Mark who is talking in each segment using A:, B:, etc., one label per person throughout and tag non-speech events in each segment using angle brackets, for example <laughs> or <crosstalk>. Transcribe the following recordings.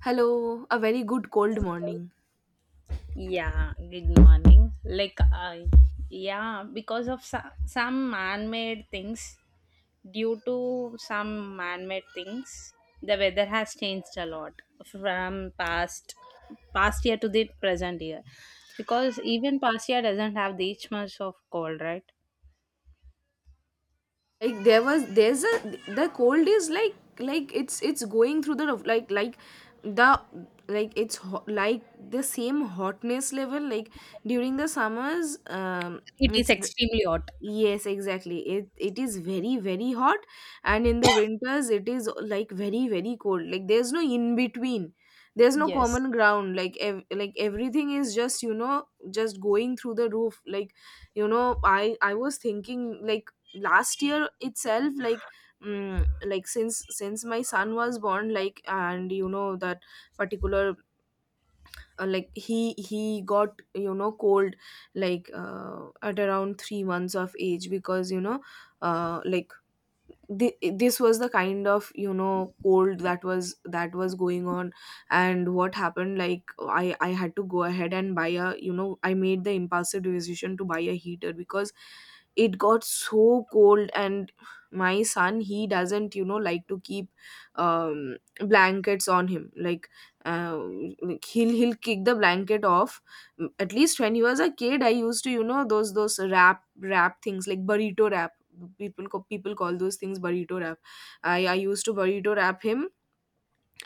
A: Hello, a very good cold morning.
B: Yeah, good morning. Like, I yeah, because of so- Some man made things, due to some man made things, the weather has changed a lot from past year to the present year. Because even past year doesn't have this much of cold, right?
A: Like there was there's a The cold is like it's going through the roof, like the like it's hot, like the same hotness level like during the summers
B: It is
A: it's
B: extremely hot.
A: Yes, exactly. It is very, very hot and in the winters it is like very, very cold. Like there's no in between. There's no
B: Yes.
A: common ground. Like like everything is just, just going through the roof. I was thinking like last year itself, like like since my son was born, like, and you know that particular, like he got, you know, cold like at around 3 months of age, because you know like this was the kind of, you know, cold that was going on. And what happened, like, I had to go ahead and buy a, I made the impulsive decision to buy a heater because it got so cold. And my son, he doesn't, you know, like to keep um blankets on him, like, uh, like he'll kick the blanket off. At least when you was a kid, I used to, you know, those wrap things, like burrito wrap. People people call those things burrito wrap. I used to burrito wrap him,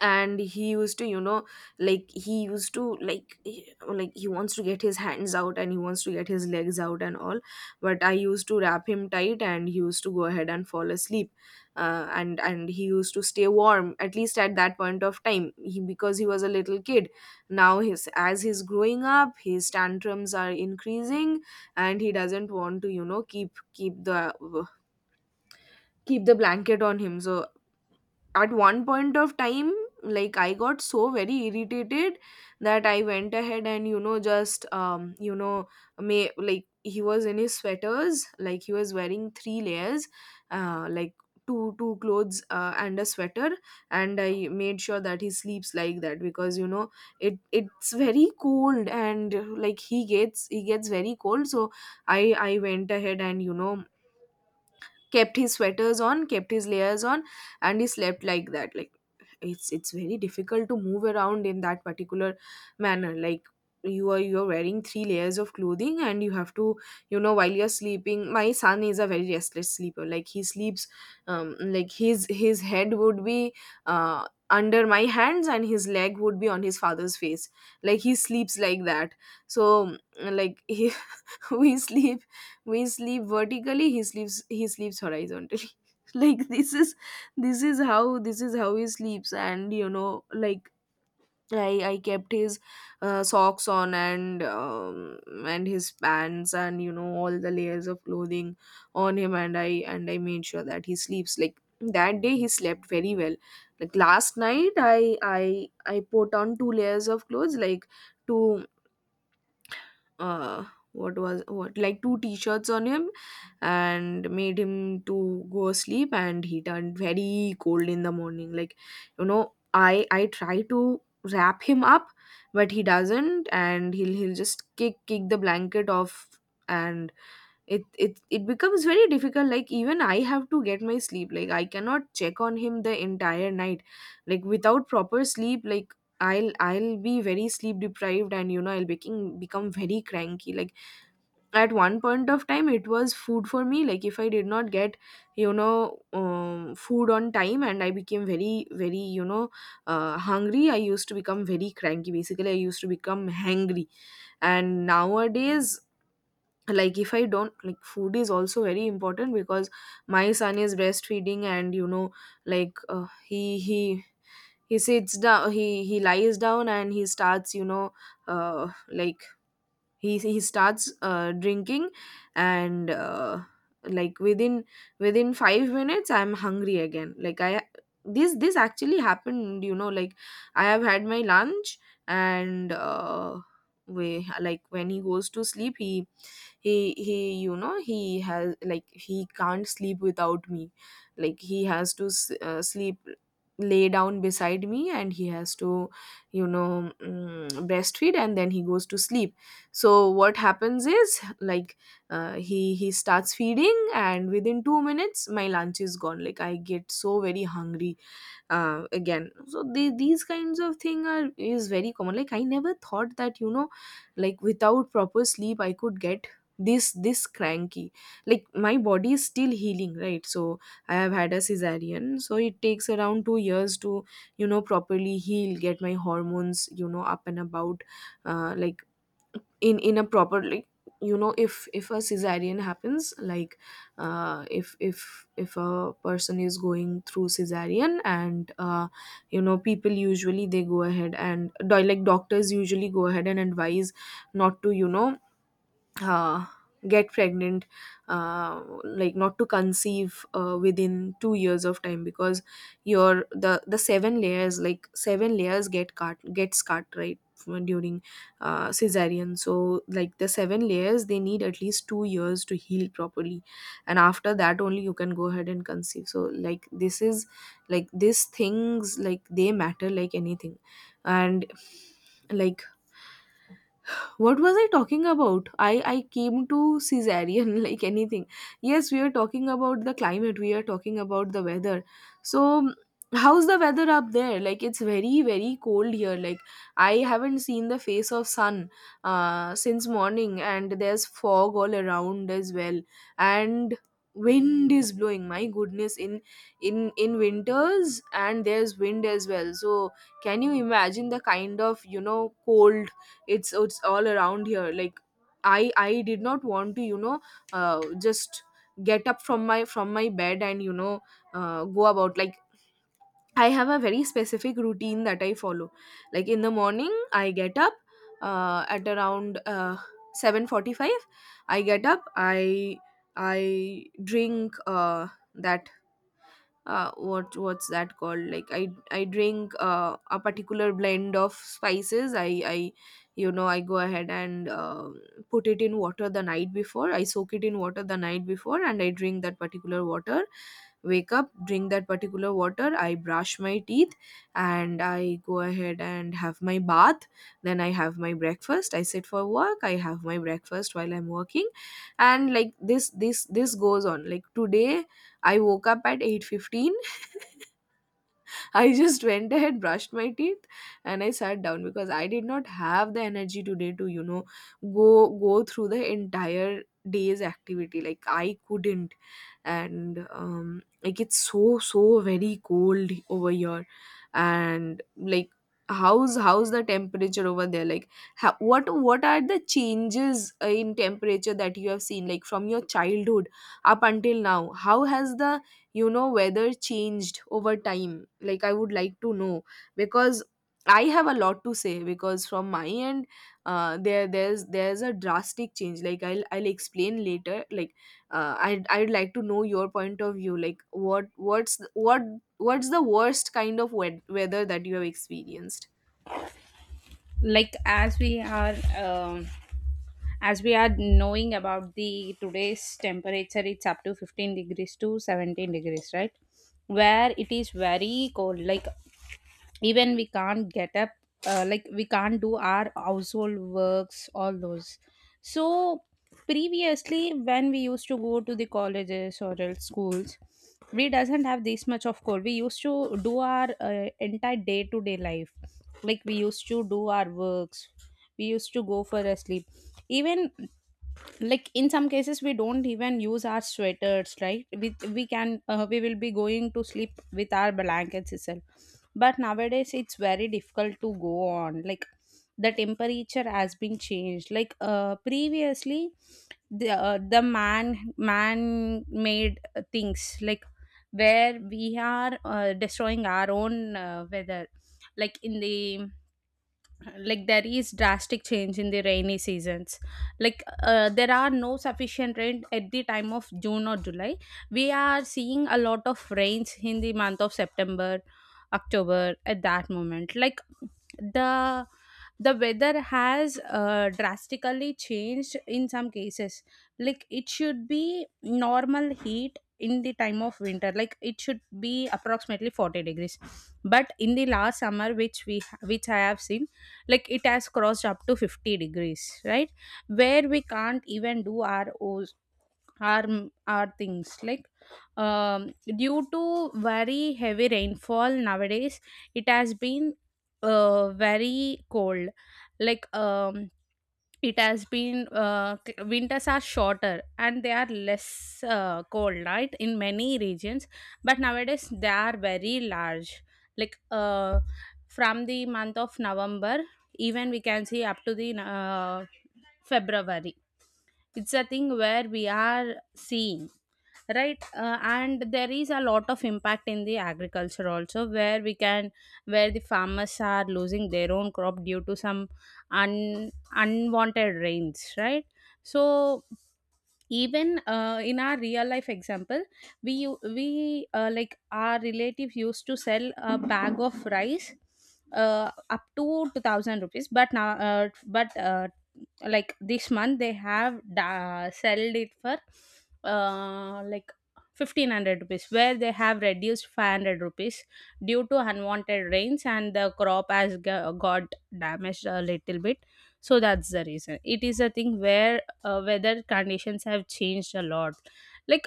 A: and he used to, you know, like like he wants to get his hands out and he wants to get his legs out and all. But I used to wrap him tight and he used to go ahead and fall asleep. And he used to stay warm, at least at that point of time, he, because he was a little kid. Now his, as he's growing up, his tantrums are increasing and he doesn't want to, you know, keep the blanket on him. So at one point of time, like, I got so very irritated that I went ahead and, just may, like he was in his sweaters, like he was wearing 3 layers, like two clothes and a sweater. And I made sure that he sleeps like that, because, you know, it it's very cold, and like he gets very cold. So I went ahead and, you know, kept his sweaters on, kept his layers on, and he slept like that. Like, it's very difficult to move around in that particular manner. Like, you're wearing 3 layers of clothing and you have to, you know, while you're sleeping. My son is a very restless sleeper. Like, he sleeps like his head would be under my hands and his leg would be on his father's face. Like, he sleeps like that. So like he, <laughs> <laughs> we sleep, vertically. He sleeps, horizontally <laughs> like, this is, this is how he sleeps. And, you know, like, I kept his socks on, and his pants, and, you know, all the layers of clothing on him. And I made sure that he sleeps like that day. He slept very well. Like last night, I put on 2 layers of clothes, like two uh what was what like 2 t-shirts on him, and made him to go asleep. And he turned very cold in the morning. Like, you know, I try to wrap him up, but he doesn't, and he'll just kick the blanket off. And it becomes very difficult. Like, even I have to get my sleep. Like, I cannot check on him the entire night. Like, without proper sleep, like, I'll be very sleep deprived, and, you know, I'll become very cranky. Like, at one point of time, it was food for me. Like, if I did not get, you know, food on time, and I became very, very, you know, hungry, I used to become very cranky. Basically, I used to become hangry. And nowadays, like, if I don't, like, food is also very important, because my son is breastfeeding. And, you know, like, he he sits down he lies down and he starts, you know, uh like he starts drinking. And like within, 5 minutes I'm hungry again. Like, I, this actually happened, you know. Like, I have had my lunch, and we, like, when he goes to sleep, he, he you know, he has, like, he can't sleep without me. Like, he has to sleep, lay down beside me, and he has to, you know, breastfeed, and then he goes to sleep. So what happens is, like, he starts feeding, and within 2 minutes my lunch is gone. Like, I get so very hungry again. So these kinds of thing are is very common. Like, I never thought that, you know, like without proper sleep I could get this cranky. Like, my body is still healing, right? So I have had a cesarean. So it takes around 2 years to, you know, properly heal, get my hormones, you know, up and about, like, in a proper, like, you know, if a cesarean happens, like, if a person is going through cesarean, and you know, people usually, they go ahead and like doctors usually go ahead and advise not to, you know, uh, get pregnant, like not to conceive within 2 years of time, because your the 7 layers, like, 7 layers get cut, gets cut right, during cesarean. So, like, the 7 layers, they need at least 2 years to heal properly. And after that only you can go ahead and conceive. So, like, this is, like, these things, like, they matter, like, anything. And, like, what was I talking about? I came to cesarean <laughs> like anything. Yes, we are talking about the climate. We are talking about the weather. So, how's the weather up there? Like, it's very, very cold here. Like, I haven't seen the face of sun since morning. And there's fog all around as well. And wind is blowing, my goodness, in in winters. And there's wind as well. So, can you imagine the kind of, you know, cold? It's all around here. Like, I did not want to, you know, just get up from my, bed, and, you know, go about. Like, I have a very specific routine that I follow. Like, in the morning, I get up at around, 7:45. I get up, I drink, that what what's that called like, I drink a particular blend of spices. I you know, I go ahead and, put it in water the night before. I soak it in water the night before, and I drink that particular water, wake up, drink that particular water, I brush my teeth, and I go ahead and have my bath. Then I have my breakfast, I sit for work, I have my breakfast while I'm working. And like, this goes on. Like, today I woke up at 8:15. <laughs> I just went ahead, brushed my teeth, and I sat down because I did not have the energy today to, you know, go go through the entire day's activity. Like, I couldn't. And like, it's so very cold over here. And like how's the temperature over there, like how, what are the changes, in temperature that you have seen, like from your childhood up until now? How has the, you know, weather changed over time? Like, I would like to know, because I have a lot to say. Because from my end, there's a drastic change. Like, I'll explain later, like, I'd like to know your point of view. Like, what's the worst kind of weather that you have experienced?
B: like as we are um, as we are knowing about the today's temperature, it's up to 15 degrees to 17 degrees, right? Where it is very cold, like even we can't get up, like we can't do our household works, all those. So previously when we used to go to the colleges or else schools, we doesn't have this much of code. We used to do our entire day to day life, like we used to do our works, we used to go for a sleep. Even like in some cases we don't even use our sweaters, right? We can, we will be going to sleep with our blankets itself. But nowadays it's very difficult to go on. Like the temperature has been changed. Like previously the man made things, like where we are destroying our own weather. like in the like there is drastic change in the rainy seasons. Like there are no sufficient rain at the time of June or July. We are seeing a lot of rains in the month of September, October at that moment. The the weather has drastically changed in some cases. Like it should be normal heat in the time of winter. Like it should be approximately 40 degrees, but in the last summer which I have seen, like it has crossed up to 50 degrees, right? Where we can't even do our O's, our our things, like due to very heavy rainfall nowadays, it has been very cold. Like it has been c- winters are shorter and they are less cold, right, in many regions. But nowadays they are very large. Like from the month of November, even we can see up to the February. It's a thing where we are seeing, right? And there is a lot of impact in the agriculture also, where we can, where the farmers are losing their own crop due to some unwanted rains, right? So even in our real life example, we u- we like our relative used to sell a bag of rice up to 2000 rupees, but now but like this month they have sold it for uh, like 1500 rupees, where they have reduced 500 rupees due to unwanted rains and the crop has got damaged a little bit. So that's the reason, it is a thing where weather conditions have changed a lot. Like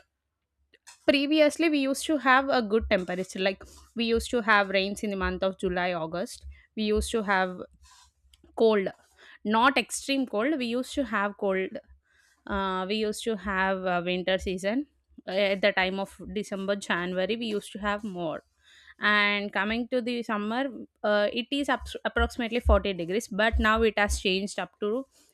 B: previously we used to have a good temperature. Like we used to have rains in the month of July, August. We used to have cold, not extreme cold, we used to have cold, we used to have winter season. At the time of December, January we used to have more. And coming to the summer, approximately 40 degrees, but now it has changed up to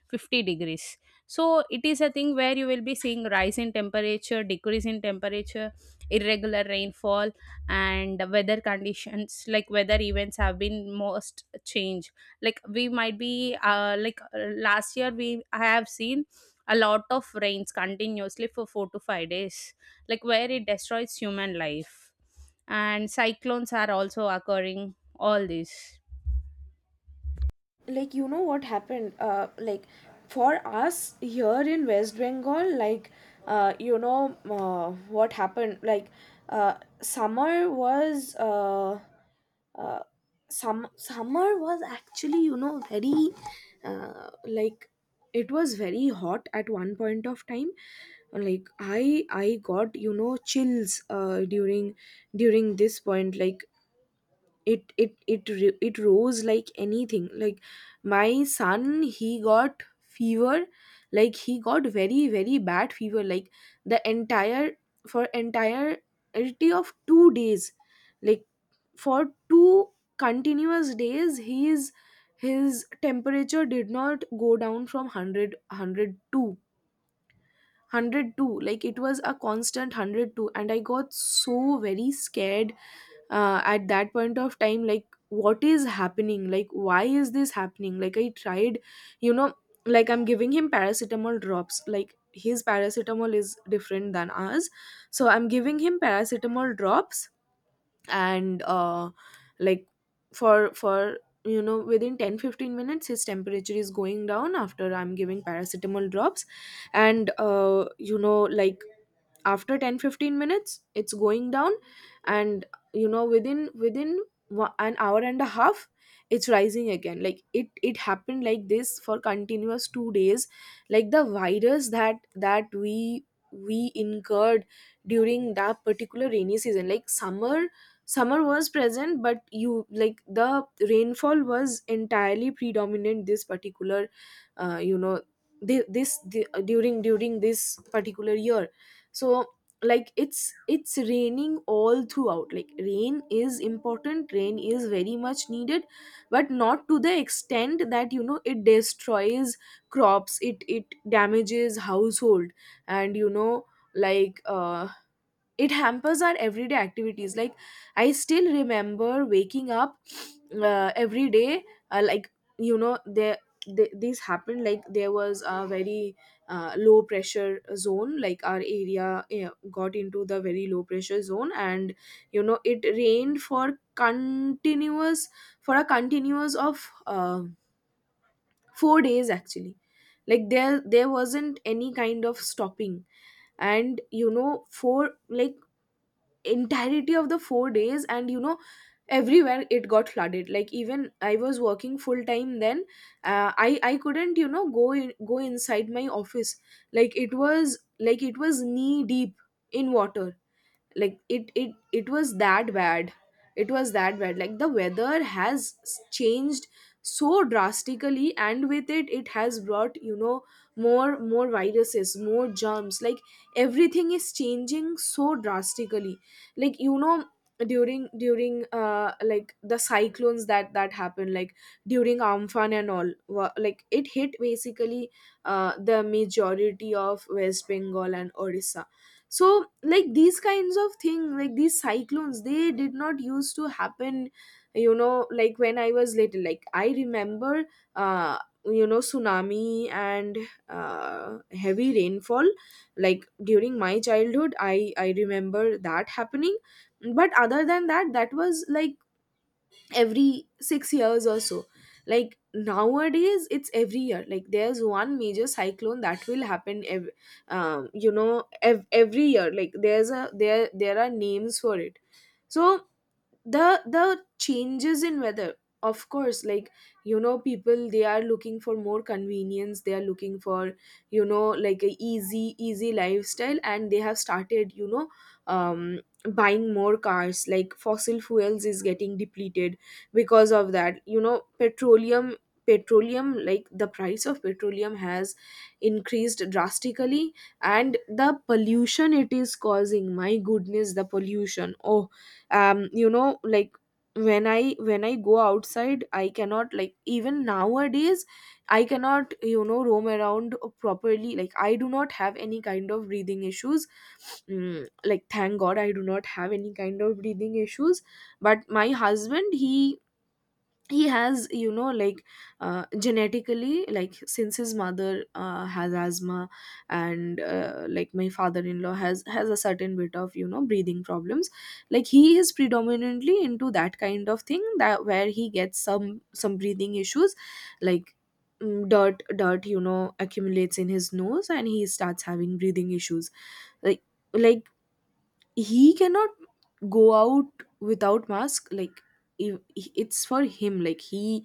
B: 50 degrees. So it is a thing where you will be seeing rise in temperature, decrease in temperature, irregular rainfall, and weather conditions, like weather events have been most changed. Like we might be like last year we I have seen a lot of rains continuously for 4 to 5 days, like where it destroys human life, and cyclones are also occurring all this.
A: Like, you know what happened, like, for us here in West Bengal, like, you know, what happened, like, uh summer was, uh some summer was actually, you know, very, like, it was very hot at one point of time. Like, I got, you know, chills, during this point. Like, it rose like anything. Like, my son, he got fever. Like, he got very, very bad fever, like the entire, for entirety of 2 days, like for 2 continuous days. His temperature did not go down from 100, 102. Like, it was a constant 102, and I got so very scared, at that point of time, like, what is happening, like, why is this happening? Like, I tried, you know, like, I'm giving him paracetamol drops. Like, his paracetamol is different than ours, so I'm giving him paracetamol drops. And like, for you know, within 10-15 minutes his temperature is going down after I'm giving paracetamol drops. And you know, like, after 10-15 minutes it's going down. And, you know, within an hour and a half it's rising again. Like, it happened like this for continuous 2 days. Like, the virus that we incurred during that particular rainy season. Like, summer was present, but you, like, the rainfall was entirely predominant this particular, you know, thi- this the, during during this particular year. So, like, it's raining all throughout. Like, rain is important, rain is very much needed, but not to the extent that, you know, it destroys crops, it damages household, and, you know, like, it hampers our everyday activities. Like, I still remember waking up every day, like, you know, this happened. Like, there was a very low pressure zone. Like, our area, got into the very low pressure zone, and, you know, it rained for continuous, for a continuous of 4 days actually. Like, there wasn't any kind of stopping, and, you know, for, like, entirety of the 4 days. And, you know, everywhere it got flooded. Like, even I was working full time then. I couldn't, you know, go inside my office. Like, it was, like it was knee deep in water. Like, it was that bad. It was that bad. Like, the weather has changed so drastically, and with it, it has brought, you know, more viruses, more germs. Like, everything is changing so drastically. Like, you know, during during like, the cyclones that happened. Like, during Amphan and all, like it hit basically the majority of West Bengal and Odisha. So, like, these kinds of thing. Like, these cyclones, they did not used to happen, you know. Like, when I was little, like, I remember, uh you know, tsunami, and heavy rainfall. Like, during my childhood, I remember that happening. But other than that, that was like every 6 years or so. Like, nowadays it's every year. Like, there's one major cyclone that will happen you know, every year. Like, there's a there there are names for it. So, the changes in weather, of course. Like, you know, people, they are looking for more convenience. They are looking for, you know, like a easy lifestyle. And they have started, you know, um buying more cars. Like, fossil fuels is getting depleted. Because of that, you know, petroleum, like, the price of petroleum has increased drastically. And the pollution it is causing, my goodness, the pollution. Oh, you know, like, when I go outside, I cannot, like, even nowadays I cannot, you know, roam around properly. Like, I do not have any kind of breathing issues. Mm, like, thank god I do not have any kind of breathing issues. But my husband, he has, you know, like, genetically, like, since his mother has asthma, and like, my father-in-law has a certain bit of, you know, breathing problems. Like, he is predominantly into that kind of thing, that where he gets some breathing issues. Like, dirt, you know, accumulates in his nose, and he starts having breathing issues. like like, he cannot go out without mask. Like, if- it's for him. Like, he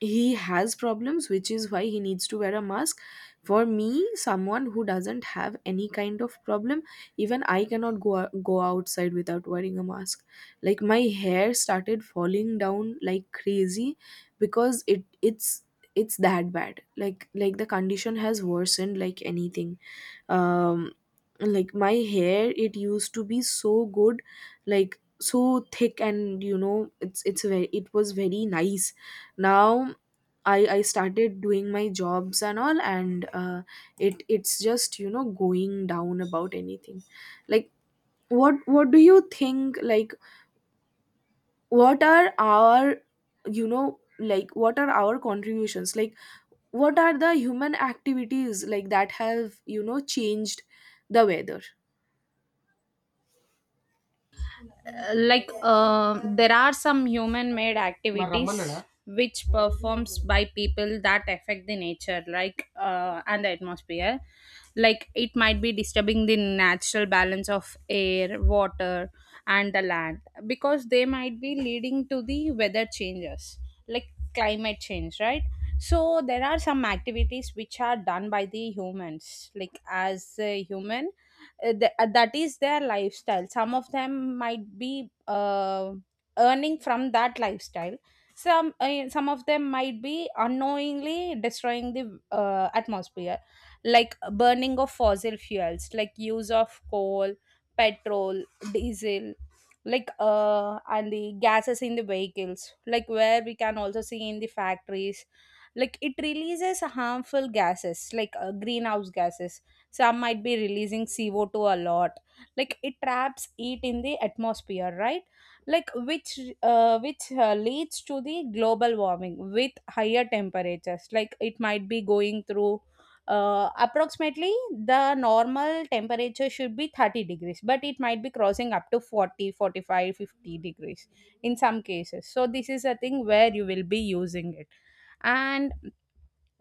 A: he has problems, which is why he needs to wear a mask. For me, someone who doesn't have any kind of problem, even I cannot go outside without wearing a mask. Like, my hair started falling down like crazy, because it's that bad. Like, the condition has worsened like anything. um like, my hair, it used to be so good, like, so thick, and, you know, it was very nice. Now, I started doing my jobs and all, and it's just, you know, going down about anything. Like, what do you think? Like, what are our, you know, like, what are our contributions? Like, what are the human activities like that have, you know, changed the weather?
B: Like there are some human made activities which performs by people that affect the nature, like and the atmosphere. Like it might be disturbing the natural balance of air, water, and the land, because they might be leading to the weather changes, like climate change, right? So there are some activities which are done by the humans. Like as a human, that is their lifestyle. Some of them might be earning from that lifestyle. Some, some of them might be unknowingly destroying the atmosphere. Like burning of fossil fuels, like use of coal, petrol, diesel, like and the gases in the vehicles, like where we can also see in the factories, like it releases harmful gases, like greenhouse gases. Some might be releasing CO2 a lot, like it traps heat in the atmosphere, right? Like which leads to the global warming with higher temperatures. Like it might be going through, approximately the normal temperature should be 30 degrees, but it might be crossing up to 40, 45, 50 degrees in some cases. So this is a thing where you will be using it, and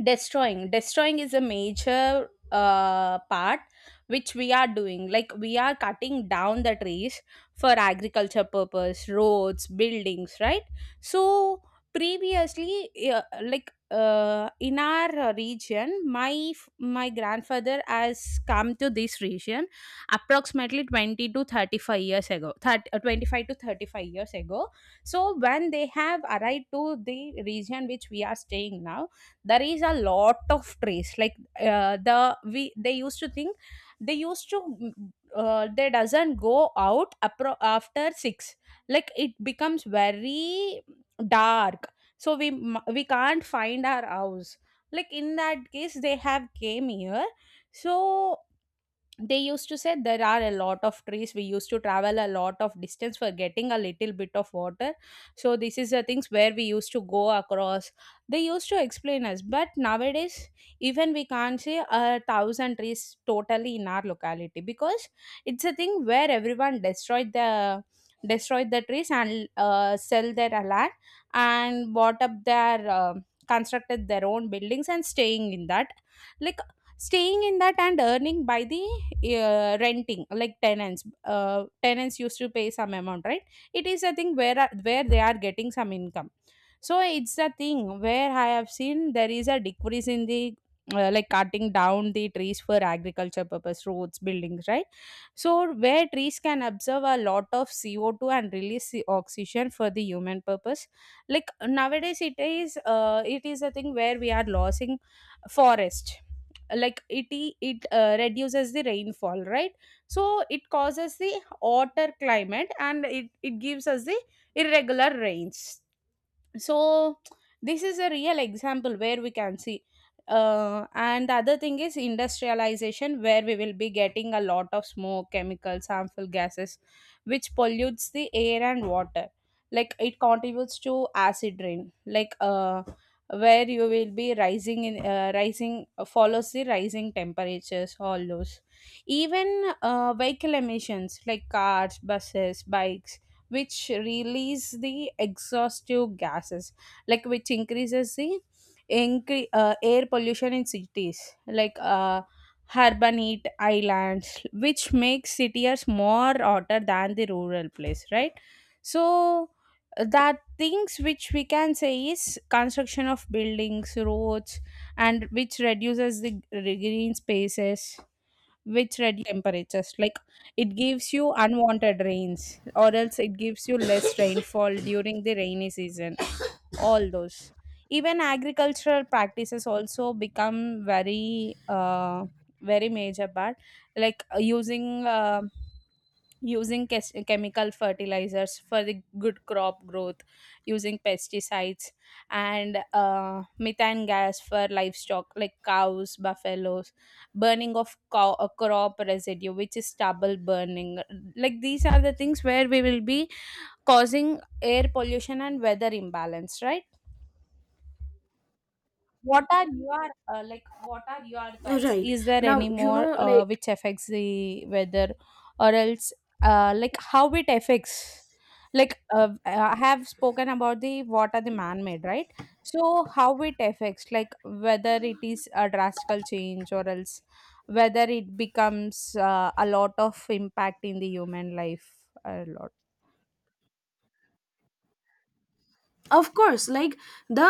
B: destroying is a major part which we are doing. Like we are cutting down the trees for agriculture purpose, roads, buildings, right? So previously in our region, my grandfather has come to this region approximately 20 to 35 years ago, 25 to 35 years ago. So when they have arrived to the region which we are staying now, there is a lot of trace. Like they used to think, they used to they doesn't go out after 6. Like it becomes very dark, so we can't find our house. Like in that case they have came here. So they used to say there are a lot of trees. We used to travel a lot of distance for getting a little bit of water. So this is the things where we used to go across. They used to explain us, but nowadays even we can't say a thousand trees totally in our locality, because it's a thing where everyone destroyed the, destroyed the trees and sell their land and bought up their constructed their own buildings and staying in that. Like staying in that and earning by the renting, like tenants, tenants used to pay some amount, right? It is a thing where where they are getting some income. So it's a thing where I have seen there is a decrease in the like cutting down the trees for agriculture purpose, roads, buildings, right? So where trees can absorb a lot of CO2 and release the oxygen for the human purpose. Like nowadays it is a thing where we are losing forest. It reduces the rainfall, right? So it causes the hotter climate, and it gives us the irregular rains. So this is a real example where we can see. And the other thing is industrialization, where we will be getting a lot of smoke, chemicals, harmful gases which pollutes the air and water. Like it contributes to acid rain, like where you will be rising follows the rising temperatures, all those. Even vehicle emissions like cars, buses, bikes, which release the exhaustive gases, like which increases the air pollution in cities. Like urban heat islands, which makes cities more hotter than the rural place, right? So that things which we can say is construction of buildings, roads, and which reduces the green spaces, which reduce temperatures. Like it gives you unwanted rains, or else it gives you less <coughs> rainfall during the rainy season, all those. Even agricultural practices also become very very major part. Like using chemical fertilizers for the good crop growth, using pesticides, and methane gas for livestock like cows, buffaloes, burning of a crop residue which is stubble burning. Like these are the things where we will be causing air pollution and weather imbalance, right? What are your, like what are your thoughts?
A: Right.
B: Is there
A: Now,
B: any
A: you
B: more
A: know, like,
B: which affects the weather, or else, like how it affects? Like I have spoken about the what are the man made, right? So how it affects, like whether it is a drastical change, or else whether it becomes a lot of impact in the human life, a lot.
A: of course, like, the,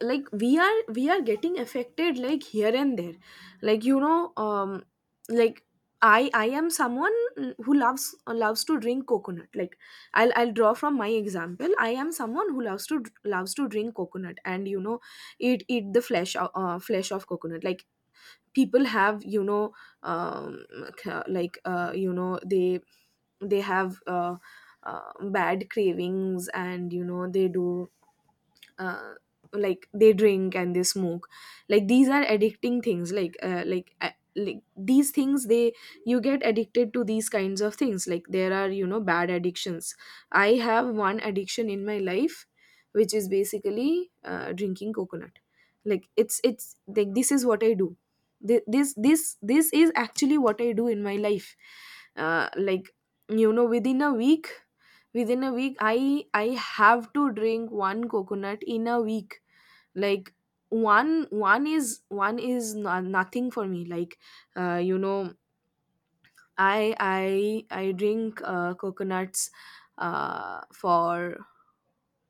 A: like, we are getting affected, like, here and there. Like, you know, like, I am someone who loves to drink coconut. Like, I'll draw from my example. I am someone who loves to drink coconut, and, you know, eat the flesh, flesh of coconut. Like, people have, you know, um like, you know, they have, bad cravings, and, you know, they do, uh, like, they drink and they smoke. Like, these are addicting things. Like, like, like, these things, they, you get addicted to these kinds of things. Like, there are, you know, bad addictions. I have one addiction in my life, which is basically drinking coconut. Like, it's like, this is what I do. This is actually what I do in my life. Like, you know, within a week, I have to drink one coconut in a week. Like, one is no, nothing for me. Like, you know, I drink, coconuts, for,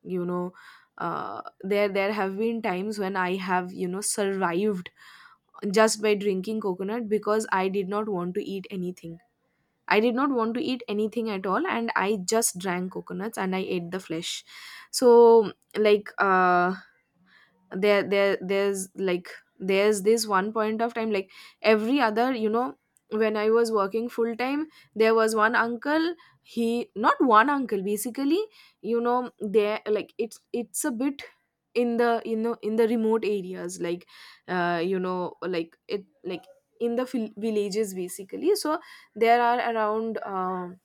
A: you know, uh, there have been times when I have, you know, survived just by drinking coconut, because I did not want to eat anything. I did not want to eat anything at all, and I just drank coconuts and I ate the flesh. So, like, there there there's like there's this one point of time. Like, every other, you know, when I was working full time, there was one uncle. He, not one uncle basically, you know, there, like, it's a bit in the, you know, in the remote areas. Like, you know, like it, like, in the villages basically. So, there are around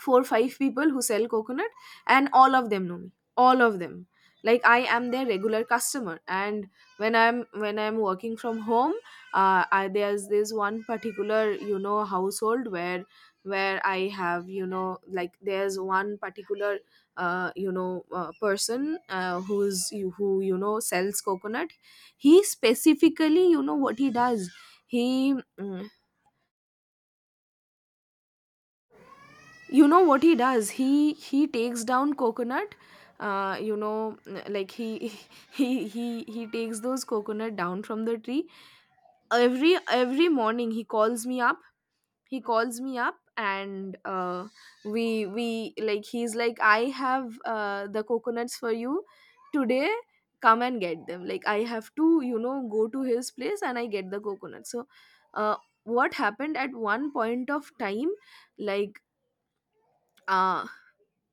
A: four five people who sell coconut, and all of them know me, all of them. Like, I am their regular customer. And, when I'm working from home, there's this one particular, you know, household where, I have, you know, like, there's one particular you know, person, who, you know, sells coconut. He, specifically, you know what he does, he, you know what he does, he takes down coconut, you know. Like, he <laughs> he takes those coconut down from the tree. Every morning he calls me up, he calls me up, and we like, he's like, I have, the coconuts for you today, come and get them. Like, I have to, you know, go to his place and I get the coconuts. So, uh, what happened at one point of time, like, uh,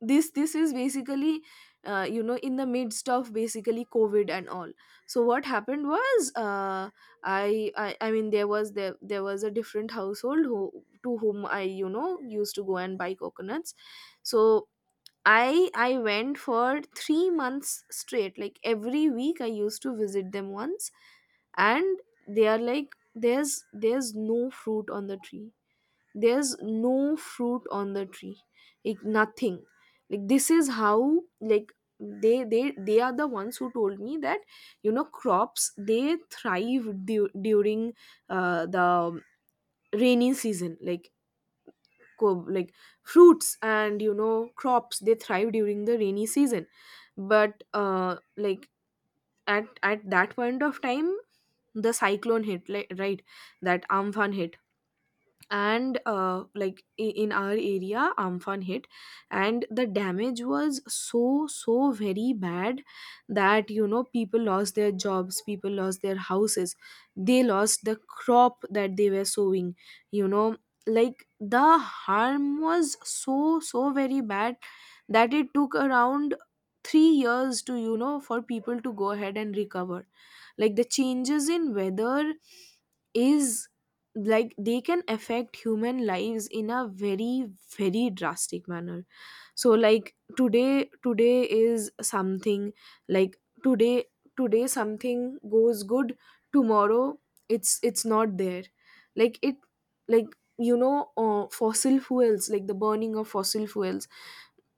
A: this is basically, you know, in the midst of basically COVID and all. So, what happened was, I mean, there was, there was a different household who, to whom, I, you know, used to go and buy coconuts. So, I went for 3 months straight. Like, every week I used to visit them once, and they are like, there's no fruit on the tree, there's no fruit on the tree, like, nothing. Like, this is how, like, they are the ones who told me that, you know, crops, they thrive during the rainy season. Like, like, fruits, and, you know, crops, they thrive during the rainy season. But like, at that point of time, the cyclone hit. Like, right, that Amphan hit. And like, in our area, Amphan hit. And the damage was so very bad, that, you know, people lost their jobs, people lost their houses, they lost the crop that they were sowing, you know. Like, the harm was so very bad, that it took around 3 years to, you know, for people to go ahead and recover. Like, the changes in weather is, like, they can affect human lives in a very, very drastic manner. So, like, today, today is something. Like, today, today something goes good, tomorrow it's not there. Like it, like, you know, fossil fuels, like, the burning of fossil fuels,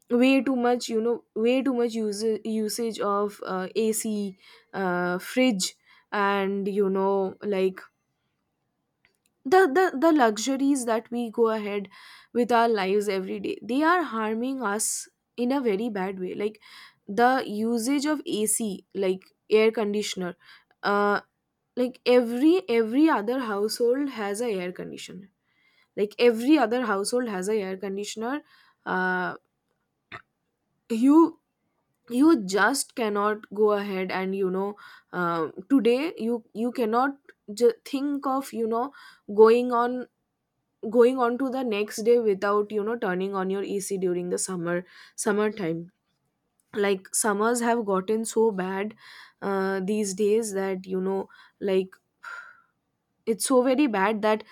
A: way too much, you know, way too much usage of ac, fridge, and, you know, like, the luxuries that we go ahead with our lives every day, they are harming us in a very bad way. Like, the usage of AC, like, air conditioner, uh like, every other household has a air conditioner, like, every other household has a air conditioner. uh you you just cannot go ahead and, you know, today, you cannot think of, you know, going on going on to the next day without, you know, turning on your AC during the summertime. Like, summers have gotten so bad, these days, that, you know, like, it's so very bad. That,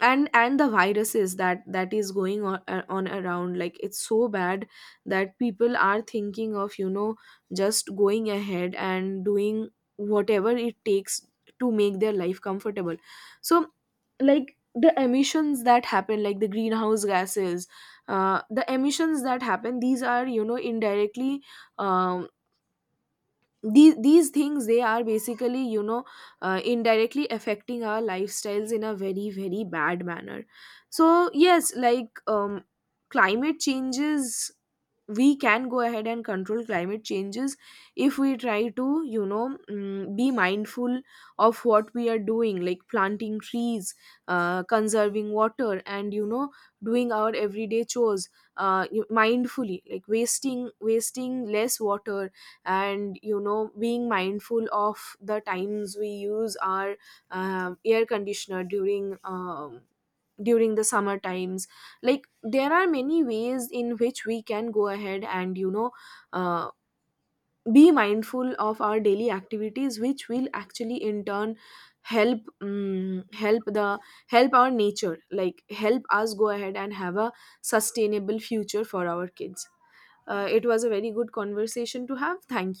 A: and the viruses that is going on, around, like, it's so bad, that people are thinking of, you know, just going ahead and doing whatever it takes to make their life comfortable. So, like, the emissions that happen, like, the greenhouse gases, the emissions that happen, these are, you know, indirectly, um, these things, they are basically, you know, indirectly affecting our lifestyles in a very, very bad manner. So, yes. Like, climate changes, we can go ahead and control climate changes if we try to, you know, be mindful of what we are doing, like planting trees, conserving water, and, you know, doing our everyday chores mindfully, like, wasting less water, and, you know, being mindful of the times we use our air conditioner during, the summer times. Like, there are many ways in which we can go ahead and, you know, uh, be mindful of our daily activities, which will actually in turn help um, help the help our nature, like, help us go ahead and have a sustainable future for our kids. It was a very good conversation to have. Thank